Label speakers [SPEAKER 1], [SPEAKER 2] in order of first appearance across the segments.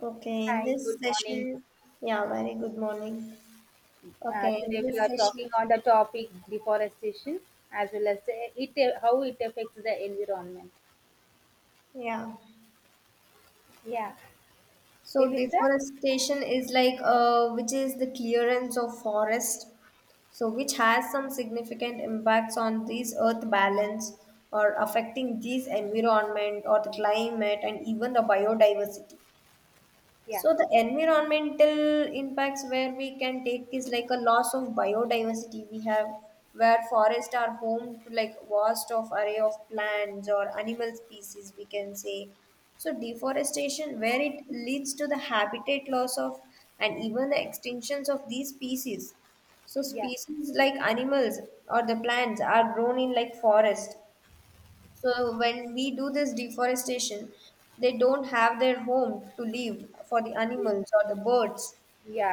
[SPEAKER 1] Okay, in
[SPEAKER 2] Hi,
[SPEAKER 1] this
[SPEAKER 2] good morning.
[SPEAKER 1] session, yeah, very good morning. Okay, in
[SPEAKER 2] Today
[SPEAKER 1] this
[SPEAKER 2] we are
[SPEAKER 1] session,
[SPEAKER 2] talking on the topic deforestation as well as it how it affects the environment.
[SPEAKER 1] yeah.
[SPEAKER 2] Yeah. Will
[SPEAKER 1] So
[SPEAKER 2] you, sir?
[SPEAKER 1] deforestation is like which is the clearance of forest, so which has some significant impacts on these earth balance or affecting these environment or the climate and even the biodiversity.
[SPEAKER 2] Yeah,
[SPEAKER 1] So the environmental impacts where we can take is like a loss of biodiversity we have where forests are home to like vast of array of plants or animal species we can say. So deforestation where it leads to the habitat loss of and even the extinctions of these species. So
[SPEAKER 2] yeah,
[SPEAKER 1] species like animals or the plants are grown in like forest so when we do this deforestation, they don't have their home to live for the
[SPEAKER 2] yeah,
[SPEAKER 1] animals or the birds.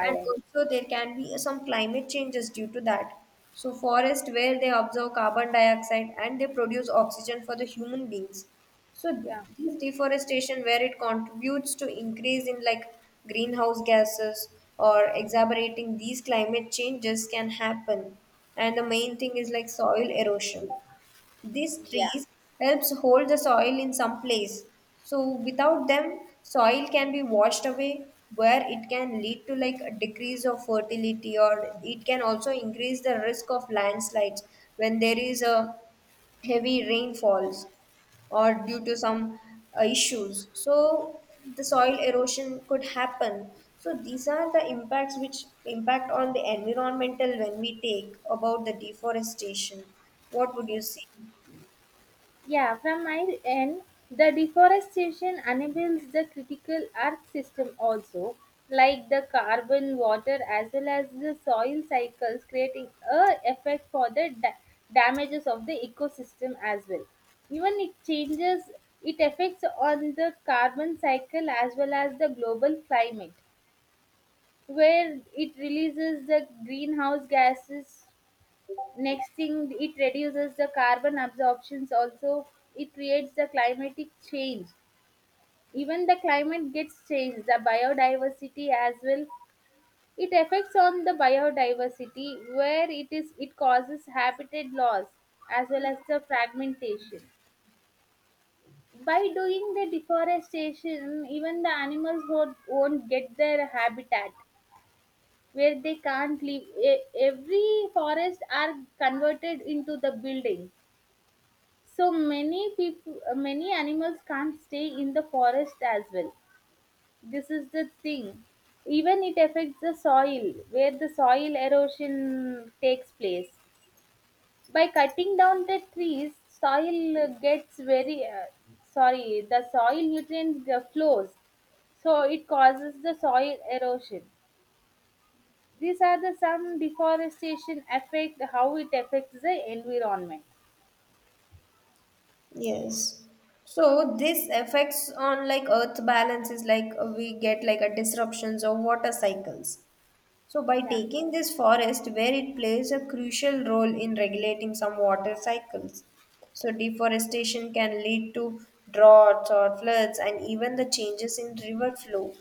[SPEAKER 1] And also there can be some climate changes due to that. So forest where they absorb carbon dioxide and they produce oxygen for the human beings. So
[SPEAKER 2] yeah,
[SPEAKER 1] this deforestation where it contributes to increase in like greenhouse gases or exacerbating these climate changes can happen. And the main thing is like soil erosion. These
[SPEAKER 2] yeah,
[SPEAKER 1] trees helps hold the soil in some place. So without them, soil can be washed away where it can lead to like a decrease of fertility or it can also increase the risk of landslides when there is a heavy rainfalls or due to some issues. So the soil erosion could happen. So these are the impacts which impact on the environmental when we take about the deforestation. What would
[SPEAKER 2] yeah.
[SPEAKER 1] you say?
[SPEAKER 2] Yeah, from my end, the deforestation enables the critical earth system also, like the carbon, water, as well as the soil cycles, creating a effect for the damages of the ecosystem as well. Even it changes, it affects on the carbon cycle as well as the global climate, where it releases the greenhouse gases, next thing it reduces the carbon absorptions also, it creates the climatic change, even the climate gets changed, the biodiversity as well, it affects on the biodiversity, where it is, it causes habitat loss as well as the fragmentation. By doing the deforestation, even the animals won't get their habitat, where they can't live. Every forest are converted into the building. So many people, many animals can't stay in the forest as well. This is the thing. Even it affects the soil, where the soil erosion takes place. By cutting down the trees, soil gets very, sorry, the soil nutrient flows. So it causes the soil erosion. These are the some deforestation affect how it affects the environment.
[SPEAKER 1] Yes. So this affects on like earth balances, like we get like a disruptions of water cycles. So by
[SPEAKER 2] Yeah.
[SPEAKER 1] taking this forest where it plays a crucial role in regulating some water cycles. So deforestation can lead to droughts or floods and even the changes in river flow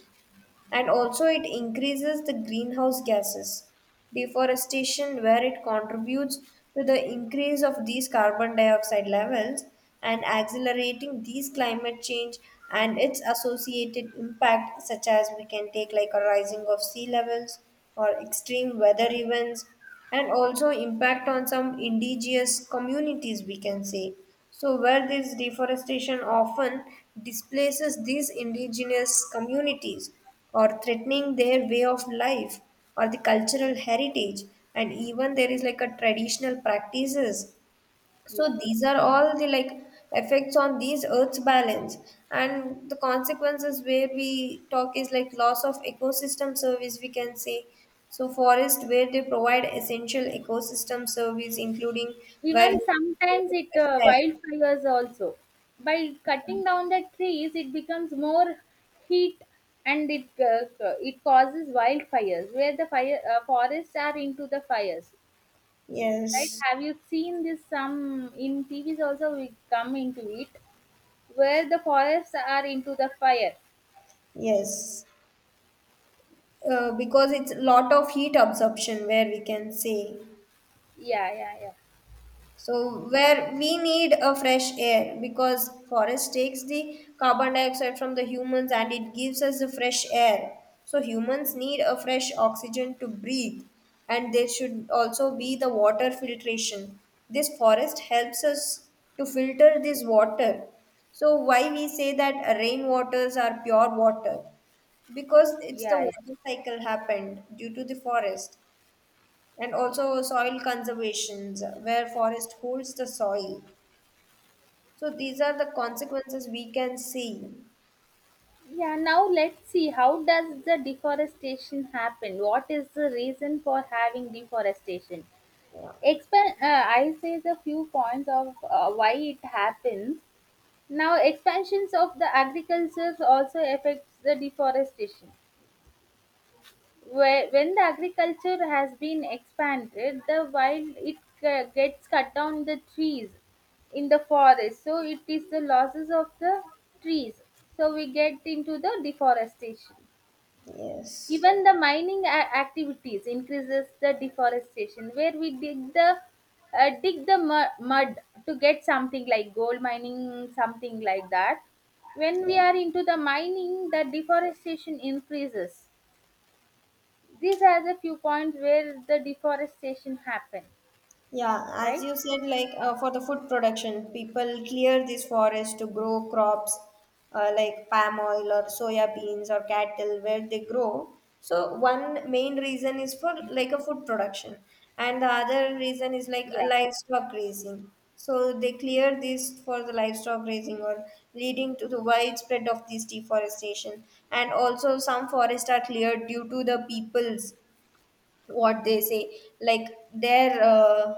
[SPEAKER 1] and also it increases the greenhouse gases deforestation where it contributes to the increase of these carbon dioxide levels and accelerating these climate change and its associated impact such as we can take like a rising of sea levels or extreme weather events and also impact on some indigenous communities we can say so where this deforestation often displaces these indigenous communities or threatening their way of life or the cultural heritage and even there is like a traditional practices so
[SPEAKER 2] Yeah.
[SPEAKER 1] these are all the like effects on these Earth's balance, and the consequences where we talk is like loss of ecosystem service. We can say so forest where they provide essential ecosystem service, including where
[SPEAKER 2] Even sometimes it wildfires also. By cutting down the trees, it becomes more heat, and it causes wildfires, where the fire forests are into the fires. Right?
[SPEAKER 1] yes,
[SPEAKER 2] Have you seen this? Some in TVs also we come into it, where the forests are into the fire.
[SPEAKER 1] yes, because it's lot of heat absorption where we can say.
[SPEAKER 2] Yeah, yeah, yeah,
[SPEAKER 1] So where we need a fresh air because forest takes the carbon dioxide from the humans and it gives us the fresh air. So humans need a fresh oxygen to breathe and there should also be the water filtration. This forest helps us to filter this water. So why we say that rainwaters are pure water? Because it's the
[SPEAKER 2] yeah, yeah.
[SPEAKER 1] water cycle happened due to the forest and also soil conservations where forest holds the soil so these are the consequences we can see.
[SPEAKER 2] Yeah, now let's see, how does the deforestation happen? What is the reason for having deforestation? I say the few points of why it happens. Now, expansions of the agriculture also affects the deforestation. Where, when the agriculture has been expanded, the wild it gets cut down the trees in the forest. So it is the losses of the trees. So we get into the deforestation.
[SPEAKER 1] Yes,
[SPEAKER 2] Even the mining activities increases the deforestation, where we dig the mud to get something like gold mining, something like that. When
[SPEAKER 1] yeah.
[SPEAKER 2] we are into the mining, the deforestation increases. These are the few points where the deforestation happen,
[SPEAKER 1] Yeah, as
[SPEAKER 2] right?
[SPEAKER 1] you said, like for the food production, people clear these forests to grow crops, like palm oil or soya beans or cattle where they grow. So one main reason is for like a food production, and the other reason is like a
[SPEAKER 2] Yeah,
[SPEAKER 1] livestock grazing. So they clear this for the livestock grazing or leading to the widespread of this deforestation. And also some forests are cleared due to the people's what they say like their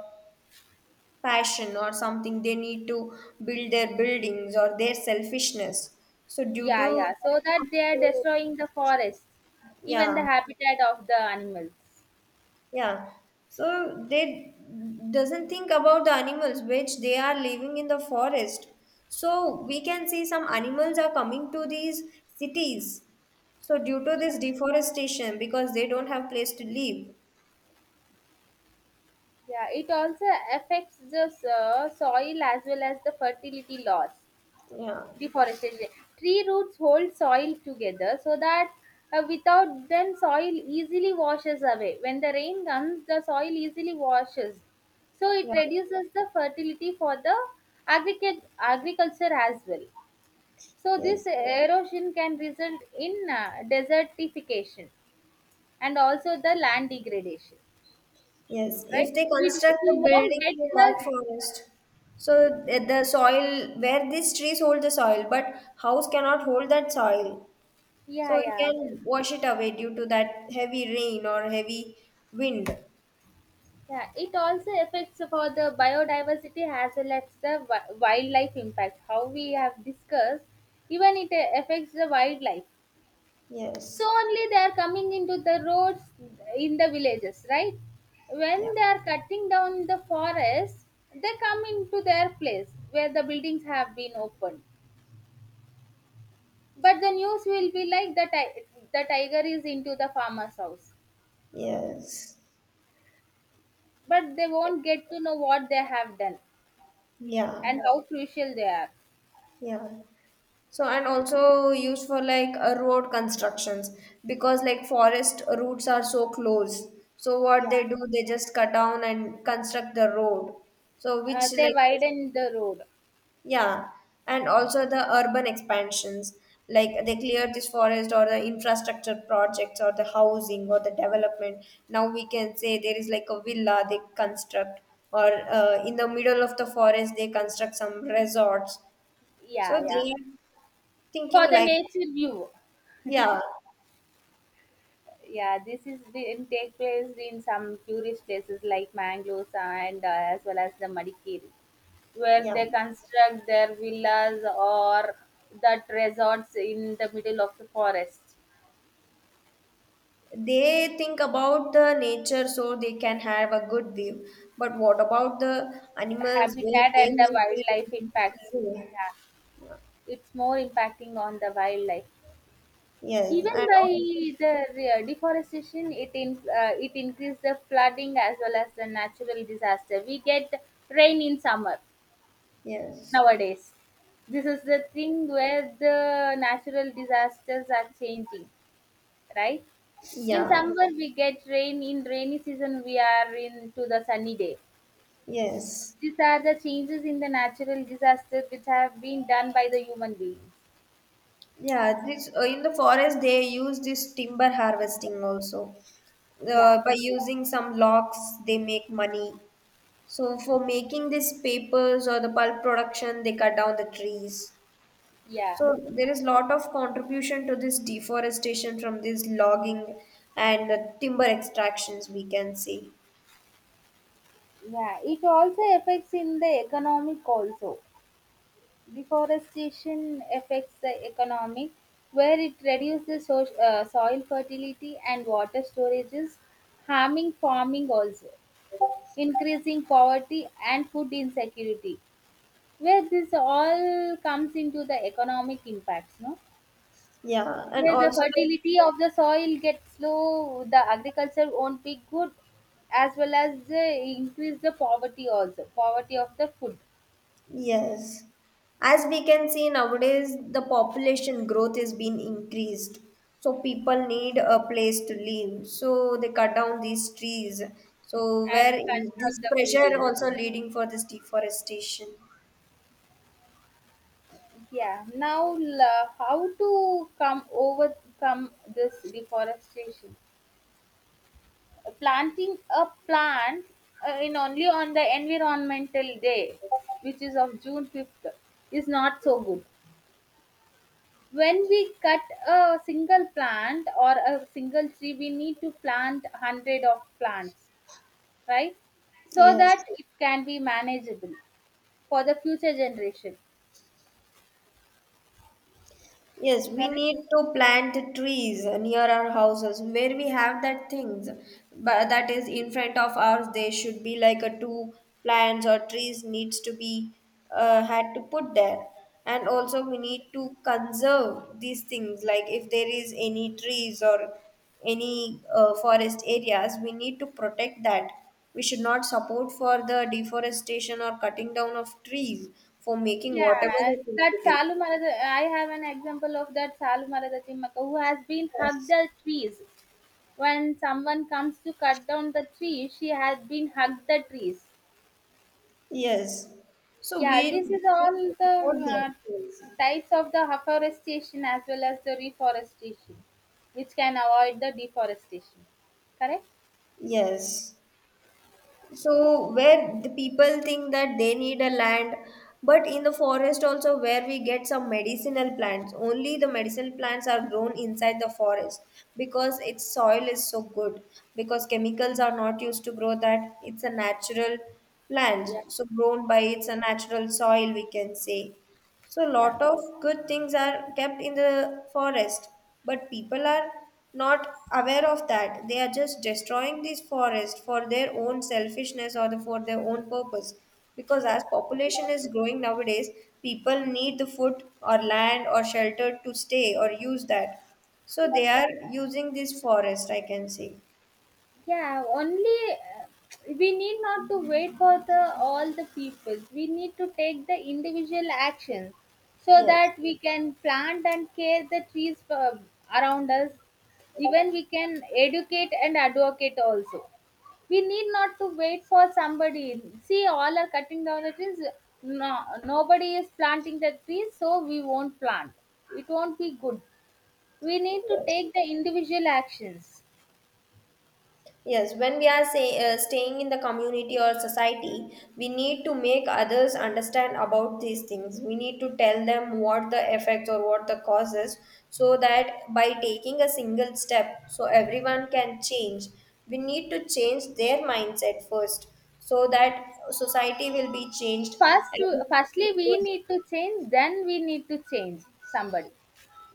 [SPEAKER 1] fashion or something they need to build their buildings or their selfishness so due to
[SPEAKER 2] yeah, yeah. So that they are
[SPEAKER 1] that,
[SPEAKER 2] destroying the forest, even the
[SPEAKER 1] yeah,
[SPEAKER 2] habitat of the animals.
[SPEAKER 1] yeah, so they doesn't think about the animals which they are living in the forest so we can see some animals are coming to these cities so due to this deforestation because they don't have place to live.
[SPEAKER 2] Yeah, it also affects the soil as well as the fertility loss,
[SPEAKER 1] Yeah,
[SPEAKER 2] deforestation. Tree roots hold soil together, so that without them soil easily washes away. When the rain comes, the soil easily washes. So it
[SPEAKER 1] yeah,
[SPEAKER 2] reduces the fertility for the agriculture as well. So this
[SPEAKER 1] yes.
[SPEAKER 2] erosion can result in desertification and also the land degradation,
[SPEAKER 1] Yes,
[SPEAKER 2] right?
[SPEAKER 1] if they
[SPEAKER 2] We do,
[SPEAKER 1] construct the
[SPEAKER 2] we won't
[SPEAKER 1] building
[SPEAKER 2] get
[SPEAKER 1] in that
[SPEAKER 2] the.
[SPEAKER 1] forest, so the soil where these trees hold the soil, but house cannot hold that soil,
[SPEAKER 2] Yeah,
[SPEAKER 1] so it
[SPEAKER 2] yeah,
[SPEAKER 1] can wash it away due to that heavy rain or heavy wind.
[SPEAKER 2] yeah. It also affects for the biodiversity as well as the wildlife impact. How we have discussed, even it affects the wildlife. So
[SPEAKER 1] Yes,
[SPEAKER 2] only they are coming into the roads in the villages, right?
[SPEAKER 1] yeah,
[SPEAKER 2] When they are cutting down the forest, they come into their place where the buildings have been opened. But the news will be like the tiger is into the farmer's house,
[SPEAKER 1] yes,
[SPEAKER 2] but they won't get to know what they have done
[SPEAKER 1] yeah,
[SPEAKER 2] and how crucial they are.
[SPEAKER 1] yeah. So and also used for like road constructions because like forest routes are so close. So what
[SPEAKER 2] Yeah.
[SPEAKER 1] they do, they just cut down and construct the road. So which
[SPEAKER 2] They
[SPEAKER 1] like,
[SPEAKER 2] widen the road.
[SPEAKER 1] yeah, and also the urban expansions like they clear this forest or the infrastructure projects or the housing or the development. Now we can say there is like a villa they construct or in the middle of the forest they construct some resorts. So
[SPEAKER 2] Yeah, yeah.
[SPEAKER 1] they are
[SPEAKER 2] For
[SPEAKER 1] thinking
[SPEAKER 2] the
[SPEAKER 1] like,
[SPEAKER 2] nature view.
[SPEAKER 1] yeah,
[SPEAKER 2] Yeah, this is been take place in some tourist places like Mangalore and as well as the Madikeri, where
[SPEAKER 1] yeah.
[SPEAKER 2] they construct their villas or that resorts in the middle of the forest.
[SPEAKER 1] They think about the nature so they can have a good view. But what about the animals where
[SPEAKER 2] Habitat
[SPEAKER 1] they
[SPEAKER 2] and the
[SPEAKER 1] live there in
[SPEAKER 2] wildlife
[SPEAKER 1] a peaceful
[SPEAKER 2] impacts.
[SPEAKER 1] way?
[SPEAKER 2] Yeah,
[SPEAKER 1] Yeah.
[SPEAKER 2] it's more impacting on the wildlife.
[SPEAKER 1] Yes,
[SPEAKER 2] Even
[SPEAKER 1] and
[SPEAKER 2] by
[SPEAKER 1] also,
[SPEAKER 2] the deforestation it increases the flooding as well as the natural disaster. We get rain in summer
[SPEAKER 1] yes,
[SPEAKER 2] nowadays. This is the thing, where the natural disasters are changing, right? In
[SPEAKER 1] yeah,
[SPEAKER 2] summer we get rain, in rainy season we are into the sunny day.
[SPEAKER 1] yes,
[SPEAKER 2] These are the changes in the natural disasters which have been done by the human beings.
[SPEAKER 1] yeah. This in the forest they use this timber harvesting also.
[SPEAKER 2] Yeah,
[SPEAKER 1] By using some logs, they make money. So for making these papers or the pulp production, they cut down the trees.
[SPEAKER 2] yeah,
[SPEAKER 1] So there is lot of contribution to this deforestation from this logging and timber extractions we can see.
[SPEAKER 2] yeah, it also affects in the economic also. Deforestation affects the economy, where it reduces soil fertility and water storages, harming farming also, increasing poverty and food insecurity. Where this all comes into the economic impacts, no?
[SPEAKER 1] Yeah, and
[SPEAKER 2] Where the
[SPEAKER 1] also like,
[SPEAKER 2] fertility of the soil gets low, the agriculture won't be good, as well as the increase the poverty also, poverty of the food,
[SPEAKER 1] yes, as we can see nowadays, the population growth is being increased. So people need a place to live. So they cut down these trees. So
[SPEAKER 2] and
[SPEAKER 1] where this
[SPEAKER 2] construct the
[SPEAKER 1] pressure
[SPEAKER 2] buildings.
[SPEAKER 1] also leading for this deforestation.
[SPEAKER 2] Yeah. Now, how to come overcome this deforestation? Planting a plant, in only on the environmental day, which is of June 5th, is not so good. When we cut a single plant or a single tree, we need to plant hundred of plants, right? So that
[SPEAKER 1] Yes.
[SPEAKER 2] it can be manageable for the future generation.
[SPEAKER 1] Yes, we
[SPEAKER 2] Correct.
[SPEAKER 1] need to plant trees near our houses where we have that things. But that is in front of ours. There should be like a two plants or trees needs to be had to put there. And also we need to conserve these things. Like if there is any trees or any forest areas, we need to protect that. We should not support for the deforestation or cutting down of trees for making
[SPEAKER 2] Yeah,
[SPEAKER 1] whatever it
[SPEAKER 2] that
[SPEAKER 1] is.
[SPEAKER 2] Salu Marada, I have an example of that Salu Marada Timmaka, who has been hugged
[SPEAKER 1] Yes.
[SPEAKER 2] the trees. When someone comes to cut down the tree, she has been hugged the trees.
[SPEAKER 1] Yes. So
[SPEAKER 2] Yeah,
[SPEAKER 1] we
[SPEAKER 2] this is
[SPEAKER 1] need
[SPEAKER 2] all
[SPEAKER 1] to
[SPEAKER 2] the
[SPEAKER 1] support them.
[SPEAKER 2] uh,
[SPEAKER 1] Yes.
[SPEAKER 2] types of the afforestation as well as the reforestation, which can avoid the deforestation. Correct?
[SPEAKER 1] Yes. So where the people think that they need a land, but in the forest also where we get some medicinal plants, only the medicinal plants are grown inside the forest because its soil is so good, because chemicals are not used to grow that. It's a natural plant,
[SPEAKER 2] Yeah.
[SPEAKER 1] so grown by it's a natural soil, we can say. So
[SPEAKER 2] Yeah.
[SPEAKER 1] lot of good things are kept in the forest, but people are not aware of that. They are just destroying these forests for their own selfishness or the, for their own purpose. Because as population is growing nowadays, people need the food or land or shelter to stay or use that. So they are using this forest, I can say.
[SPEAKER 2] Yeah, only we need not to wait for the all the people, we need to take the individual actions, so
[SPEAKER 1] Yes.
[SPEAKER 2] that we can plant and care the trees, around us. Even we can educate and advocate also. We need not to wait for somebody, see all are cutting down the trees, no, nobody is planting the trees, so we won't plant, it won't be good, we need to
[SPEAKER 1] Yes.
[SPEAKER 2] take the individual actions.
[SPEAKER 1] Yes, when we are say, staying in the community or society, we need to make others understand about these things. We need to tell them what the effects or what the causes so that by taking a single step, so everyone can change. We need to change their mindset first so that society will be changed.
[SPEAKER 2] First
[SPEAKER 1] And
[SPEAKER 2] firstly
[SPEAKER 1] everything will
[SPEAKER 2] we
[SPEAKER 1] go-
[SPEAKER 2] need to change, then we need to change somebody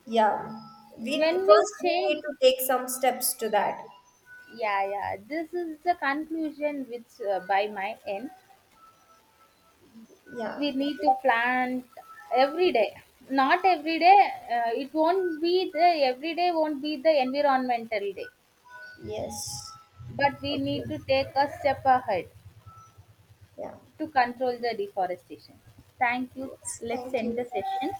[SPEAKER 1] yeah, we
[SPEAKER 2] when we
[SPEAKER 1] first we need
[SPEAKER 2] change.
[SPEAKER 1] to take some steps to that.
[SPEAKER 2] Yeah, yeah, this is the conclusion which, by my end,
[SPEAKER 1] Yeah,
[SPEAKER 2] we need to plant every day, not every day, it won't be the every day won't be the environmental day,
[SPEAKER 1] yes,
[SPEAKER 2] but we need
[SPEAKER 1] okay,
[SPEAKER 2] to take a step ahead
[SPEAKER 1] yeah.
[SPEAKER 2] to control the deforestation. Thank you.
[SPEAKER 1] Yes,
[SPEAKER 2] Let's
[SPEAKER 1] thank
[SPEAKER 2] end the
[SPEAKER 1] you.
[SPEAKER 2] session.